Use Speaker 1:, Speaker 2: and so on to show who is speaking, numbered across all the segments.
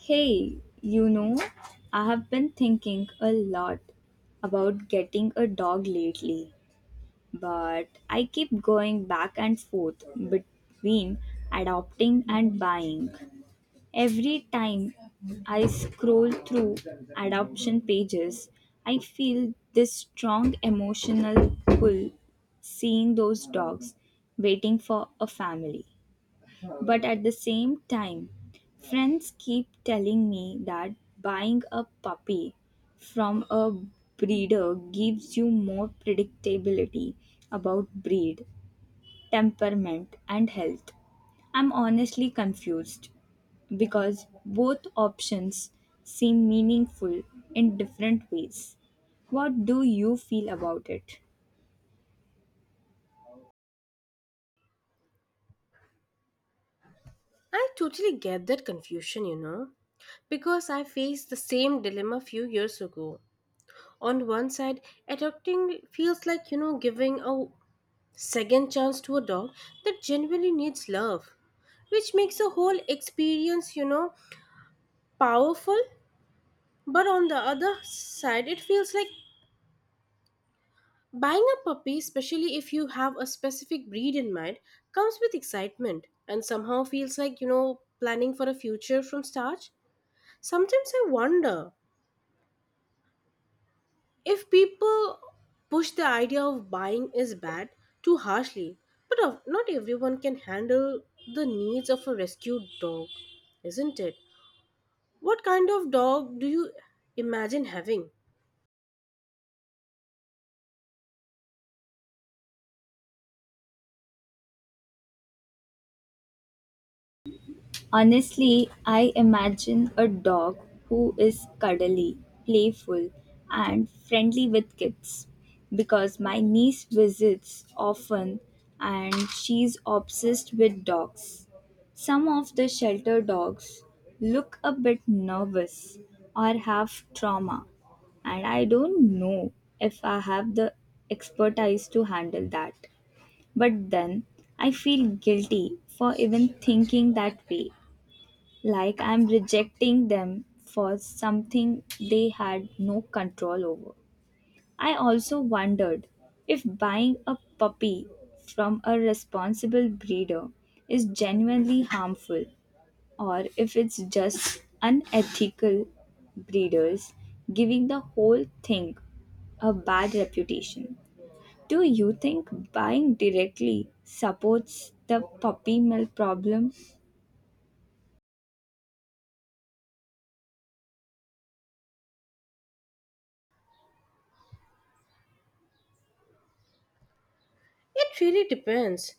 Speaker 1: Hey, you know, I have been thinking a lot about getting a dog lately, but I keep going back and forth between adopting and buying. Every time I scroll through adoption pages, I feel this strong emotional pull seeing those dogs waiting for a family. But at the same time, friends keep telling me that buying a puppy from a breeder gives you more predictability about breed, temperament, and health. I'm honestly confused because both options seem meaningful in different ways. What do you feel about it?
Speaker 2: I totally get that confusion, because I faced the same dilemma a few years ago. On one side, adopting feels like, giving a second chance to a dog that genuinely needs love, which makes the whole experience, powerful. But on the other side, it feels like buying a puppy, especially if you have a specific breed in mind, comes with excitement and somehow feels like, planning for a future from start. Sometimes I wonder if people push the idea of buying is bad too harshly, but not everyone can handle the needs of a rescued dog, isn't it? What kind of dog do you imagine having?
Speaker 1: Honestly, I imagine a dog who is cuddly, playful, and friendly with kids because my niece visits often and she's obsessed with dogs. Some of the shelter dogs look a bit nervous or have trauma, and I don't know if I have the expertise to handle that. But then I feel guilty for even thinking that way. Like I'm rejecting them for something they had no control over. I also wondered if buying a puppy from a responsible breeder is genuinely harmful or if it's just unethical breeders giving the whole thing a bad reputation. Do you think buying directly supports the puppy mill problem?
Speaker 2: It really depends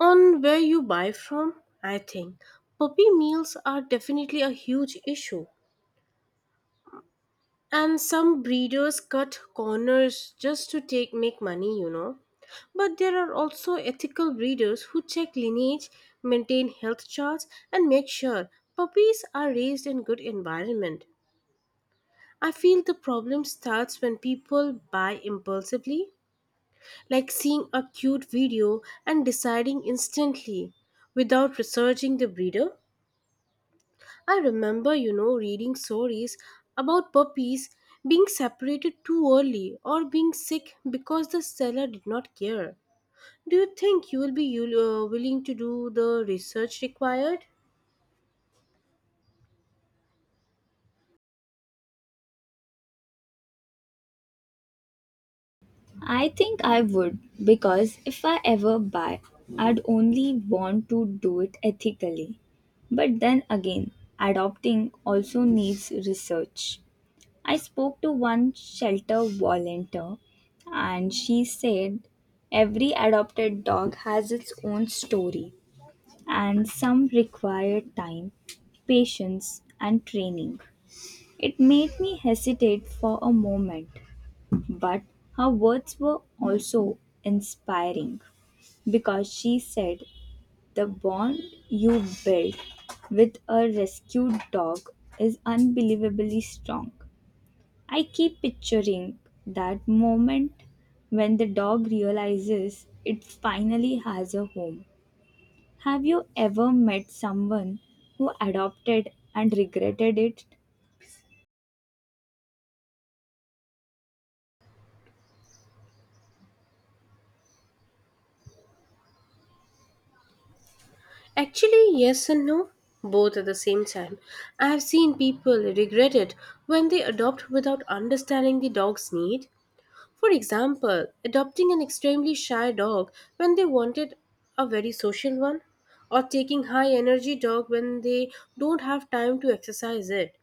Speaker 2: on where you buy from, I think. Puppy meals are definitely a huge issue. And some breeders cut corners just to take make money. But there are also ethical breeders who check lineage, maintain health charts, and make sure puppies are raised in good environment. I feel the problem starts when people buy impulsively, like seeing a cute video and deciding instantly without researching the breeder. I remember, reading stories about puppies being separated too early or being sick because the seller did not care. Do you think you will be willing to do the research required?
Speaker 1: I think I would because if I ever buy, I'd only want to do it ethically. But then again, adopting also needs research. I spoke to one shelter volunteer and she said every adopted dog has its own story and some require time, patience, and training. It made me hesitate for a moment, but her words were also inspiring because she said, "The bond you built with a rescued dog is unbelievably strong." I keep picturing that moment when the dog realizes it finally has a home. Have you ever met someone who adopted and regretted it?
Speaker 2: Actually, yes and no, both at the same time. I have seen people regret it when they adopt without understanding the dog's need. For example, adopting an extremely shy dog when they wanted a very social one, or taking high energy dog when they don't have time to exercise it.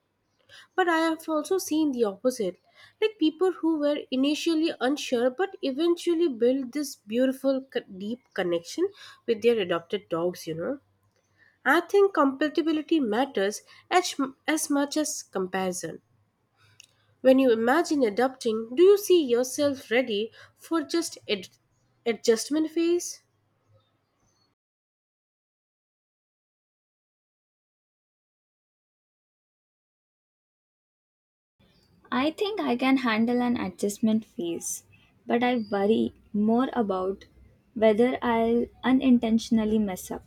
Speaker 2: But I have also seen the opposite, like people who were initially unsure but eventually built this deep connection with their adopted dogs. I think compatibility matters as, as much as comparison. When you imagine adopting, do you see yourself ready for just adjustment phase?
Speaker 1: I think I can handle an adjustment phase, but I worry more about whether I'll unintentionally mess up.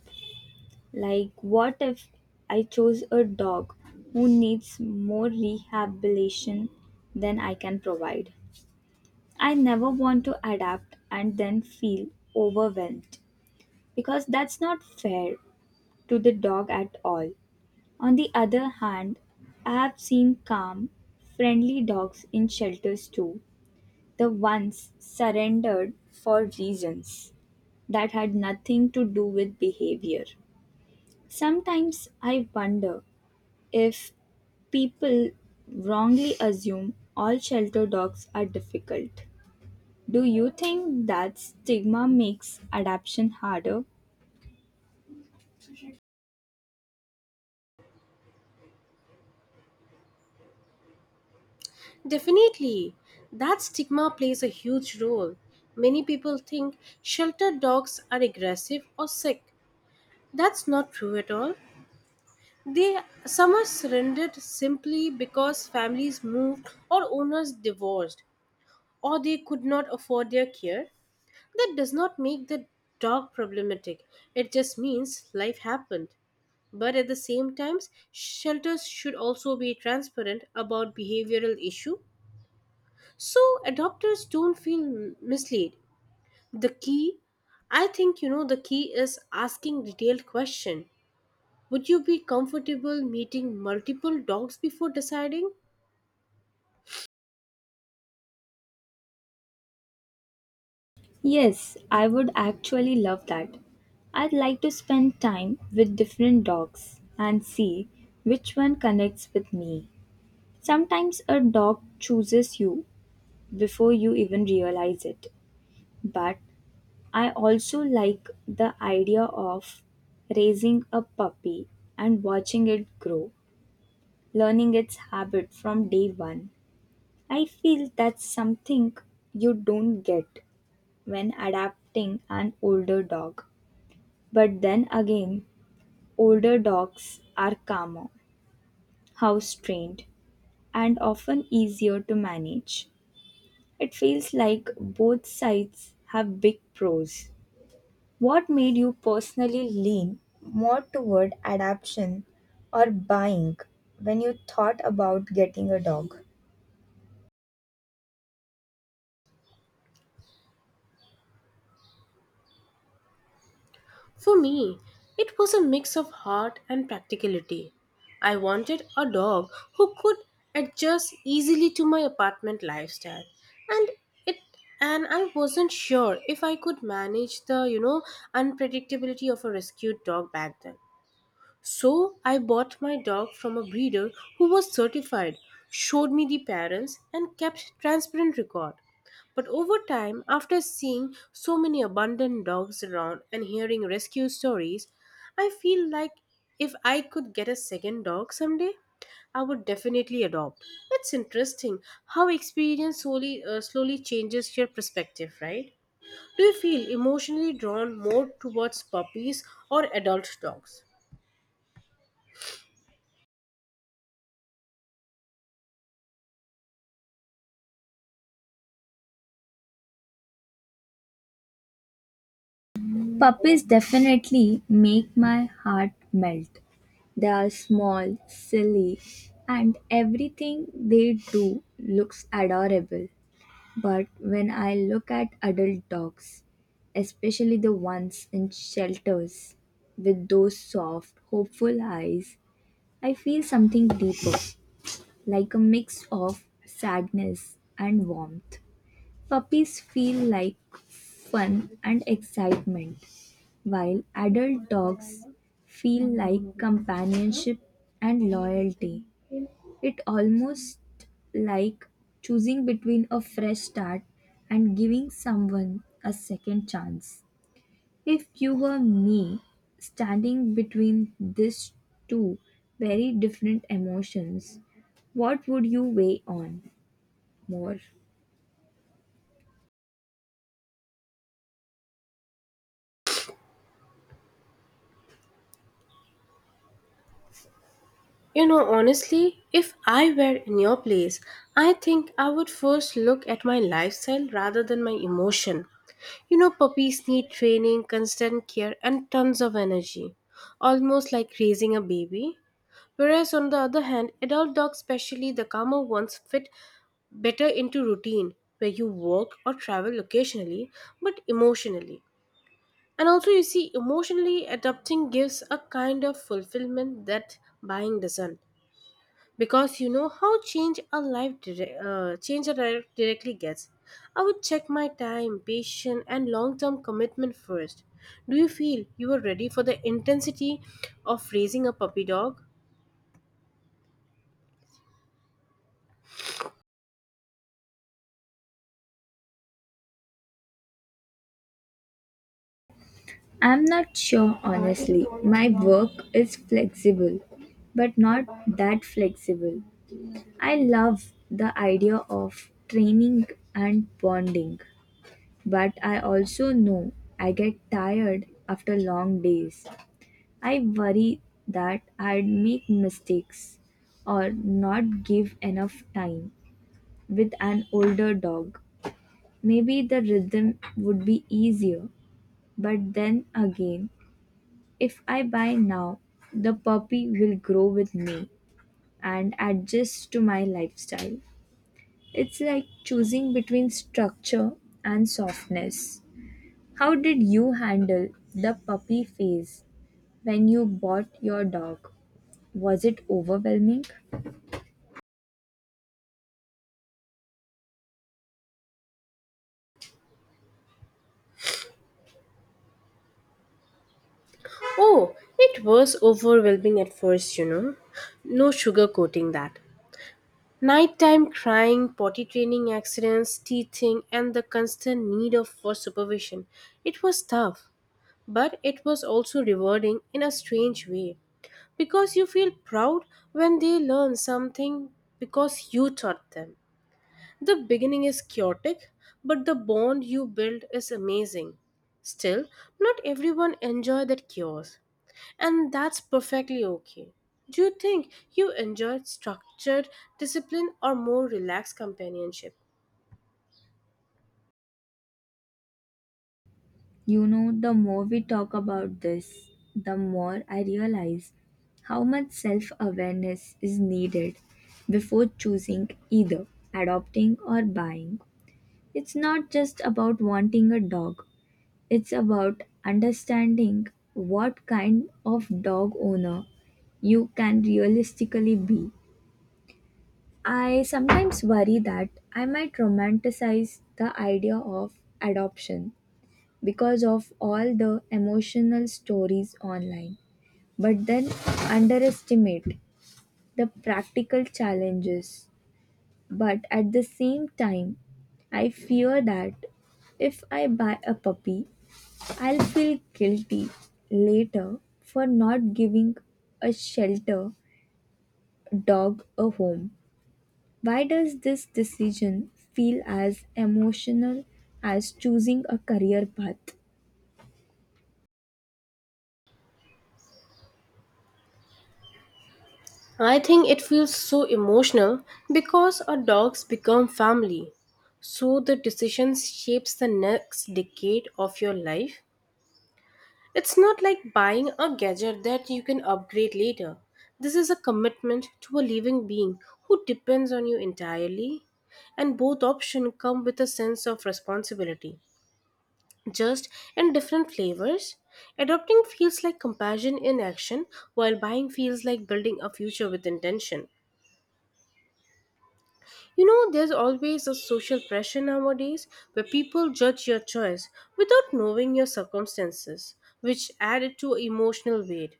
Speaker 1: Like, what if I chose a dog who needs more rehabilitation than I can provide? I never want to adapt and then feel overwhelmed because that's not fair to the dog at all. On the other hand, I have seen calm, friendly dogs in shelters too. The ones surrendered for reasons that had nothing to do with behavior. Sometimes I wonder if people wrongly assume all shelter dogs are difficult. Do you think that stigma makes adoption harder?
Speaker 2: Definitely. That stigma plays a huge role. Many people think shelter dogs are aggressive or sick. That's not true at all. They some are surrendered simply because families moved or owners divorced or they could not afford their care. That does not make the dog problematic. It just means life happened. But at the same time, shelters should also be transparent about behavioral issue so adopters don't feel misled. The key, I think the key is asking detailed question. Would you be comfortable meeting multiple dogs before deciding?
Speaker 1: Yes, I would actually love that. I'd like to spend time with different dogs and see which one connects with me. Sometimes a dog chooses you before you even realize it. But I also like the idea of raising a puppy and watching it grow, learning its habit from day one. I feel that's something you don't get when adapting an older dog. But then again, older dogs are calmer, house trained, and often easier to manage. It feels like both sides have big pros. What made you personally lean more toward adoption or buying when you thought about getting a dog?
Speaker 2: For me, it was a mix of heart and practicality. I wanted a dog who could adjust easily to my apartment lifestyle. And it and I wasn't sure if I could manage the, unpredictability of a rescued dog back then. So I bought my dog from a breeder who was certified, showed me the parents, and kept transparent record. But over time, after seeing so many abandoned dogs around and hearing rescue stories, I feel like if I could get a second dog someday, I would definitely adopt. It's interesting how experience slowly changes your perspective, right? Do you feel emotionally drawn more towards puppies or adult dogs?
Speaker 1: Puppies definitely make my heart melt. They are small, silly, and everything they do looks adorable. But when I look at adult dogs, especially the ones in shelters with those soft, hopeful eyes, I feel something deeper, like a mix of sadness and warmth. Puppies feel like fun and excitement, while adult dogs feel like companionship and loyalty. It almost like choosing between a fresh start and giving someone a second chance. If you were me, standing between these two very different emotions, what would you weigh on more?
Speaker 2: You know, honestly, if I were in your place, I think I would first look at my lifestyle rather than my emotion. You know, puppies need training, constant care, and tons of energy, almost like raising a baby. Whereas, on the other hand, adult dogs, especially the calmer ones, fit better into routine where you work or travel occasionally but emotionally. And also, you see, emotionally adopting gives a kind of fulfillment that buying doesn't because you know how change a life directly gets. I would check my time, patience, and long-term commitment first. Do you feel you are ready for the intensity of raising a puppy dog?
Speaker 1: I'm not sure honestly. My work is flexible, but not that flexible. I love the idea of training and bonding, but I also know I get tired after long days. I worry that I'd make mistakes or not give enough time with an older dog. Maybe the rhythm would be easier, but then again, if I buy now, the puppy will grow with me and adjust to my lifestyle. It's like choosing between structure and softness. How did you handle the puppy phase when you bought your dog? Was it overwhelming?
Speaker 2: Oh, it was overwhelming at first. No sugarcoating that. Nighttime crying, potty training accidents, teething, and the constant need of for supervision. It was tough, but it was also rewarding in a strange way because you feel proud when they learn something because you taught them. The beginning is chaotic, but the bond you build is amazing. Still, not everyone enjoy that chaos, and that's perfectly okay. Do you think you enjoyed structured discipline or more relaxed companionship?
Speaker 1: You know, the more we talk about this, the more I realize how much self awareness is needed before choosing either adopting or buying. It's not just about wanting a dog, it's about understanding what kind of dog owner you can realistically be. I sometimes worry that I might romanticize the idea of adoption because of all the emotional stories online, but then underestimate the practical challenges. But at the same time, I fear that if I buy a puppy, I'll feel guilty later for not giving a shelter dog a home. Why does this decision feel as emotional as choosing a career path?
Speaker 2: I think it feels so emotional because our dogs become family. So the decisions shapes the next decade of your life. It's not like buying a gadget that you can upgrade later. This is a commitment to a living being who depends on you entirely. And both options come with a sense of responsibility, just in different flavors. Adopting feels like compassion in action, while buying feels like building a future with intention. You know, there's always a social pressure nowadays where people judge your choice without knowing your circumstances, which add it to emotional weight.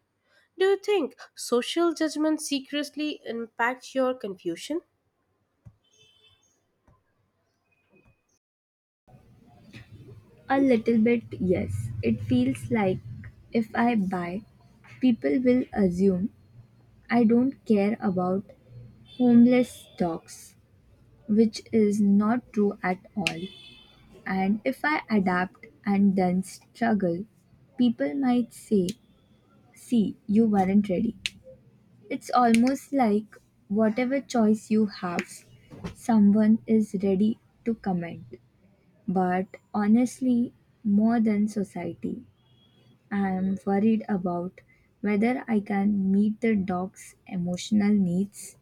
Speaker 2: Do you think social judgment secretly impacts your confusion?
Speaker 1: A little bit, yes. It feels like if I buy, people will assume I don't care about homeless stocks, which is not true at all. And if I adapt and then struggle, people might say, "See, you weren't ready." It's almost like whatever choice you have, someone is ready to comment. But honestly, more than society, I am worried about whether I can meet the dog's emotional needs.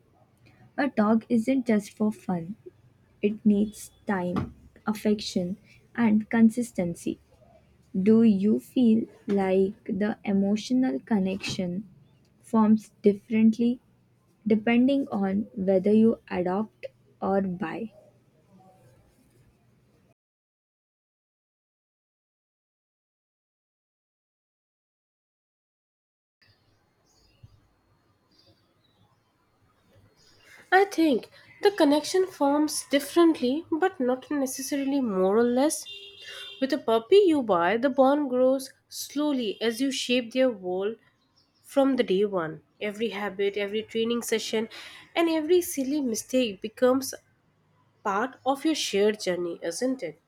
Speaker 1: A dog isn't just for fun, it needs time, affection, and consistency. Do you feel like the emotional connection forms differently depending on whether you adopt or buy?
Speaker 2: I think the connection forms differently but not necessarily more or less. With a puppy you buy, the bond grows slowly as you shape their world from the day one. Every habit, every training session, and every silly mistake becomes part of your shared journey, isn't it?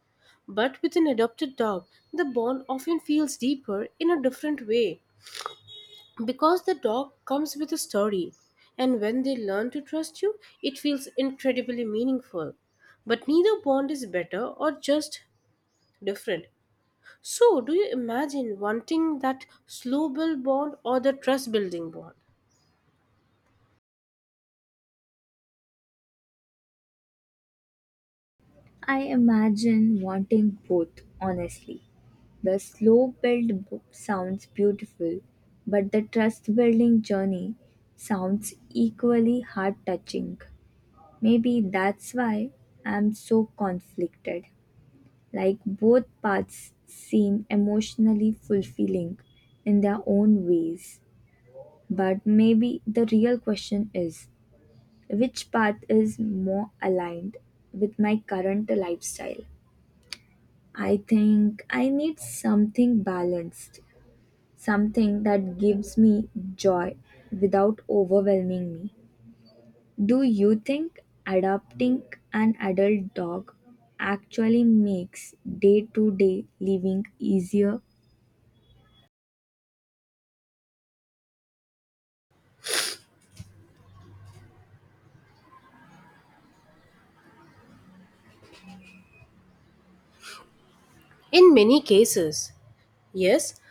Speaker 2: But with an adopted dog, the bond often feels deeper in a different way, because the dog comes with a story, and when they learn to trust you it feels incredibly meaningful. But neither bond is better, or just different. So do you imagine wanting that slow build bond or the trust building bond?
Speaker 1: I imagine wanting both, honestly. The slow build book sounds beautiful, but the trust building journey sounds equally heart touching. Maybe that's why I'm so conflicted. Like both paths seem emotionally fulfilling in their own ways. But maybe the real question is which path is more aligned with my current lifestyle. I think I need something balanced, something that gives me joy without overwhelming me. Do you think adopting an adult dog actually makes day to day living easier?
Speaker 2: In many cases, yes,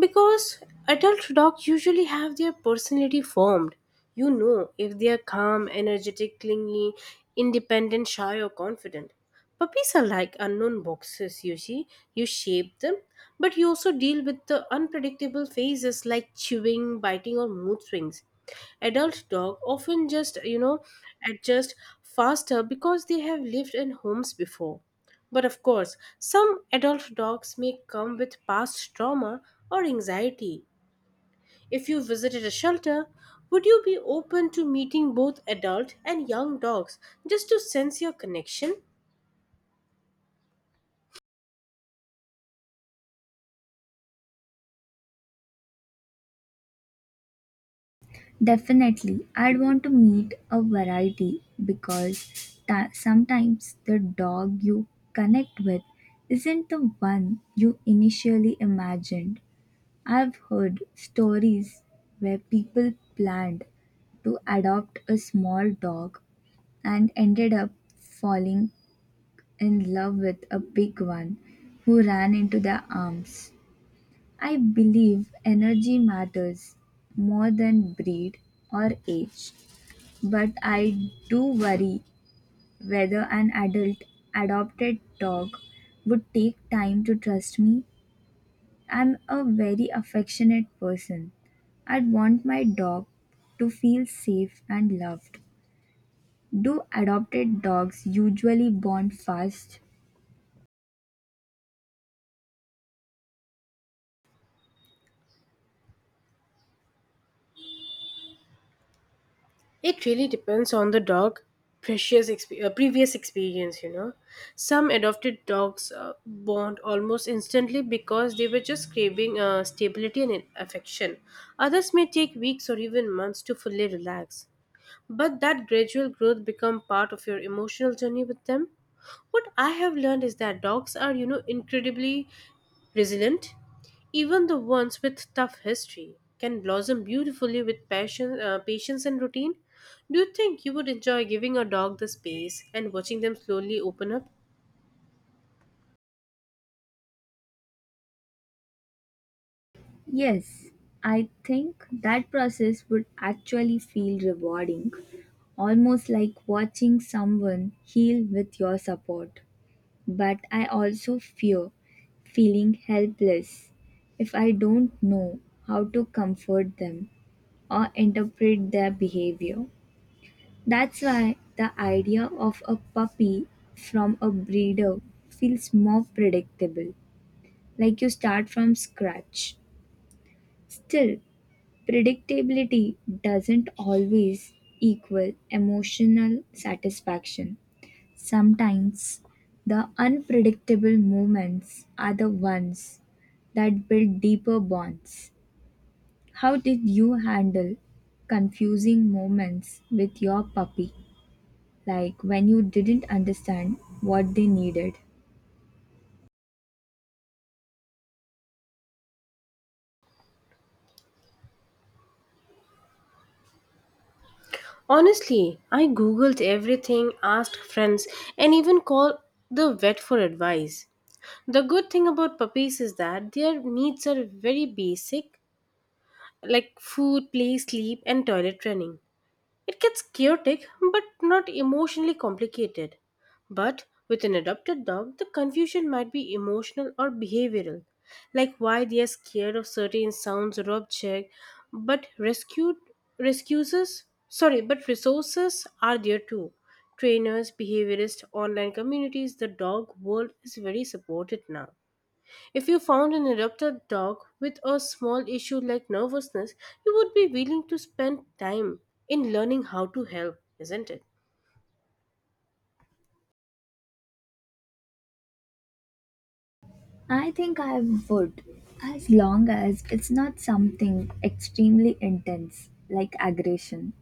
Speaker 2: because adult dogs usually have their personality formed. You know if they are calm, energetic, clingy, independent, shy, or confident. Puppies are like unknown boxes, you see. You shape them, but you also deal with the unpredictable phases like chewing, biting, or mood swings. Adult dog often just, adjust faster because they have lived in homes before. But of course, some adult dogs may come with past trauma or anxiety. If you visited a shelter, would you be open to meeting both adult and young dogs just to sense your connection?
Speaker 1: Definitely, I'd want to meet a variety because sometimes the dog you connect with isn't the one you initially imagined. I've heard stories where people planned to adopt a small dog and ended up falling in love with a big one who ran into their arms. I believe energy matters more than breed or age. But I do worry whether an adult adopted dog would take time to trust me. I'm a very affectionate person. I'd want my dog to feel safe and loved. Do adopted dogs usually bond fast?
Speaker 2: It really depends on the dog precious exp- previous experience you know some adopted dogs bond almost instantly because they were just craving stability and affection. Others may take weeks or even months to fully relax, but that gradual growth become part of your emotional journey with them. What I have learned is that dogs are, incredibly resilient. Even the ones with tough history can blossom beautifully with passion, patience, and routine. Do you think you would enjoy giving a dog the space and watching them slowly open up?
Speaker 1: Yes, I think that process would actually feel rewarding, almost like watching someone heal with your support. But I also fear feeling helpless if I don't know how to comfort them or interpret their behavior. That's why the idea of a puppy from a breeder feels more predictable, like you start from scratch. Still, predictability doesn't always equal emotional satisfaction. Sometimes the unpredictable moments are the ones that build deeper bonds. How did you handle confusing moments with your puppy? Like when you didn't understand what they needed?
Speaker 2: Honestly, I googled everything, asked friends, and even called the vet for advice. The good thing about puppies is that their needs are very basic, like food, play, sleep, and toilet training. It gets chaotic but not emotionally complicated. But with an adopted dog, the confusion might be emotional or behavioral, like why they are scared of certain sounds or objects, but rescued rescues sorry, but resources are there too. Trainers, behaviorists, online communities, the dog world is very supported now. If you found an adopted dog with a small issue like nervousness, you would be willing to spend time in learning how to help, isn't it?
Speaker 1: I think I would, as long as it's not something extremely intense like aggression,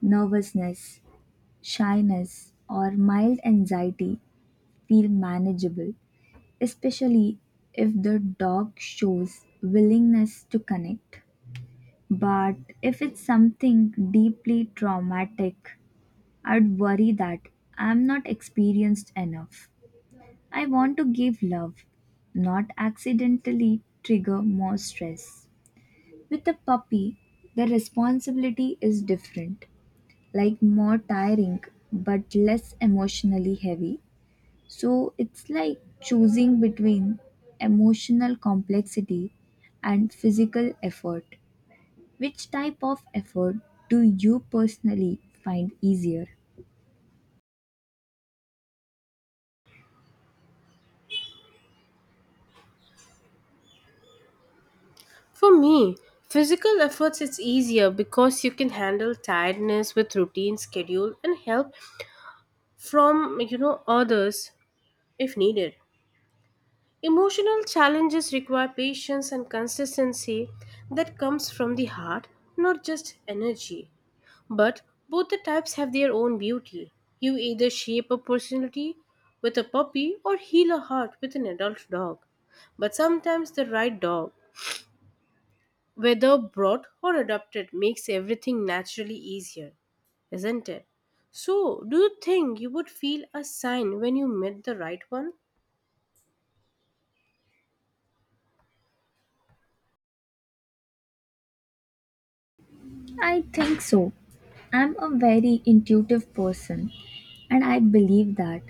Speaker 1: nervousness, shyness, or mild anxiety, feel manageable. Especially if the dog shows willingness to connect. But if it's something deeply traumatic, I'd worry that I'm not experienced enough. I want to give love, not accidentally trigger more stress. With a puppy, the responsibility is different, like more tiring but less emotionally heavy. So it's like choosing between emotional complexity and physical effort. Which type of effort do you personally find easier?
Speaker 2: For me, physical efforts it's easier because you can handle tiredness with routine schedule and help from, others if needed. Emotional challenges require patience and consistency that comes from the heart, not just energy. But both the types have their own beauty. You either shape a personality with a puppy or heal a heart with an adult dog. But sometimes the right dog, whether brought or adopted, makes everything naturally easier, isn't it? So, do you think you would feel a sign when you met the right one?
Speaker 1: I think so. I'm a very intuitive person and I believe that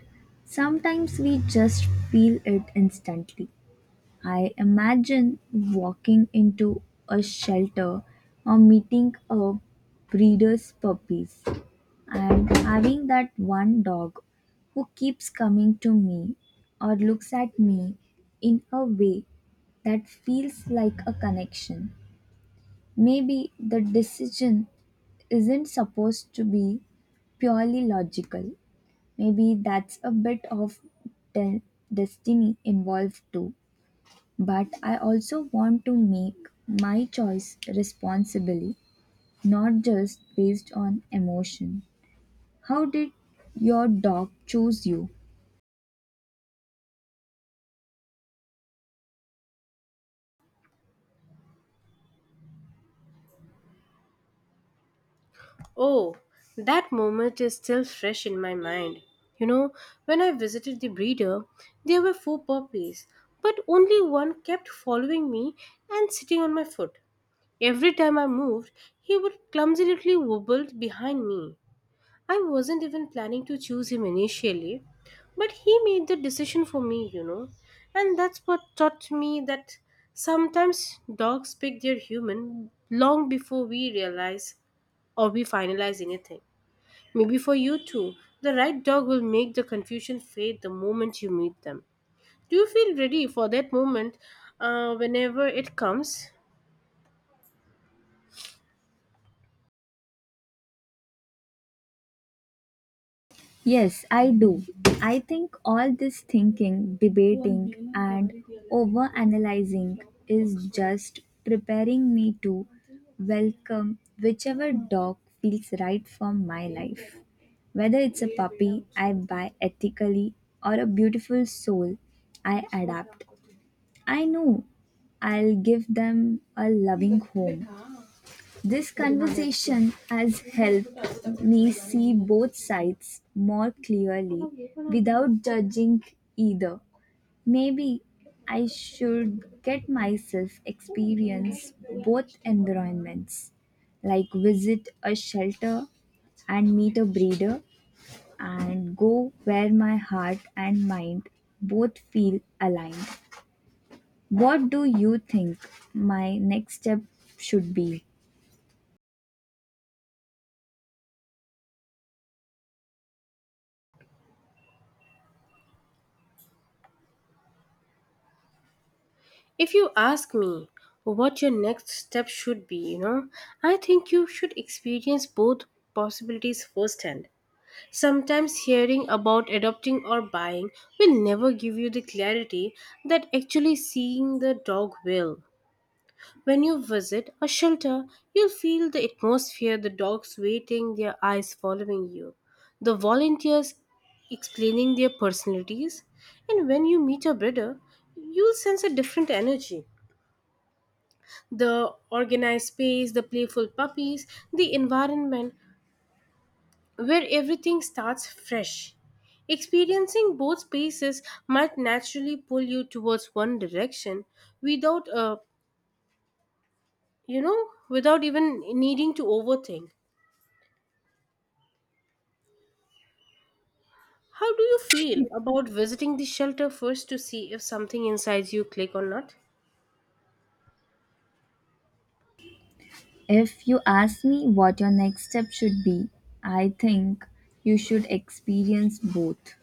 Speaker 1: sometimes we just feel it instantly. I imagine walking into a shelter or meeting a breeder's puppies and having that one dog who keeps coming to me or looks at me in a way that feels like a connection. Maybe the decision isn't supposed to be purely logical. Maybe that's a bit of de- destiny involved too. But I also want to make my choice responsibly, not just based on emotion. How did your dog choose you?
Speaker 2: Oh, that moment is still fresh in my mind. You know, when I visited the breeder, there were four puppies, but only one kept following me and sitting on my foot. Every time I moved, he would clumsily wobble behind me. I wasn't even planning to choose him initially, but he made the decision for me. And that's what taught me that sometimes dogs pick their human long before we realize or we finalize anything. Maybe for you too, the right dog will make the confusion fade the moment you meet them. Do you feel ready for that moment whenever it comes?
Speaker 1: Yes, I do. I think all this thinking, debating, and over analyzing is just preparing me to welcome whichever dog feels right for my life. Whether it's a puppy I buy ethically or a beautiful soul I adapt, I know I'll give them a loving home. This conversation has helped me see both sides more clearly without judging either. Maybe I should get myself experience both environments, like visit a shelter and meet a breeder and go where my heart and mind both feel aligned. What do you think my next step should be?
Speaker 2: If you ask me what your next step should be, I think you should experience both possibilities firsthand. Sometimes hearing about adopting or buying will never give you the clarity that actually seeing the dog will. When you visit a shelter, you'll feel the atmosphere, the dogs waiting, their eyes following you, the volunteers explaining their personalities, and when you meet a breeder, you'll sense a different energy, the organized space, the playful puppies, the environment where everything starts fresh. Experiencing both spaces might naturally pull you towards one direction without a without even needing to overthink. How do you feel about visiting the shelter first to see if something inside you click or not?
Speaker 1: If you ask me what your next step should be, I think you should experience both.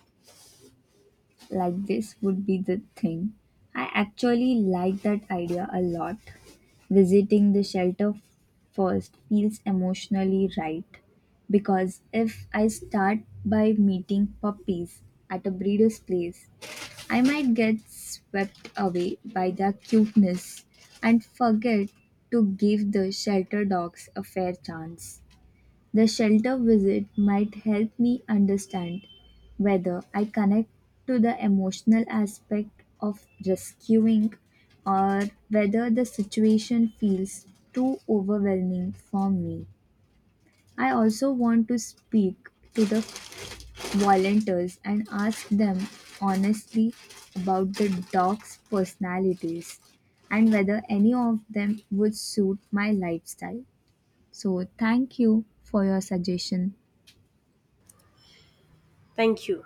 Speaker 1: Like, this would be the thing. I actually like that idea a lot. Visiting the shelter first feels emotionally right because if I start by meeting puppies at a breeder's place, I might get swept away by their cuteness and forget to give the shelter dogs a fair chance. The shelter visit might help me understand whether I connect to the emotional aspect of rescuing or whether the situation feels too overwhelming for me. I also want to speak to the volunteers and asked them honestly about the dogs' personalities and whether any of them would suit my lifestyle. So, thank you for your suggestion.
Speaker 2: Thank you.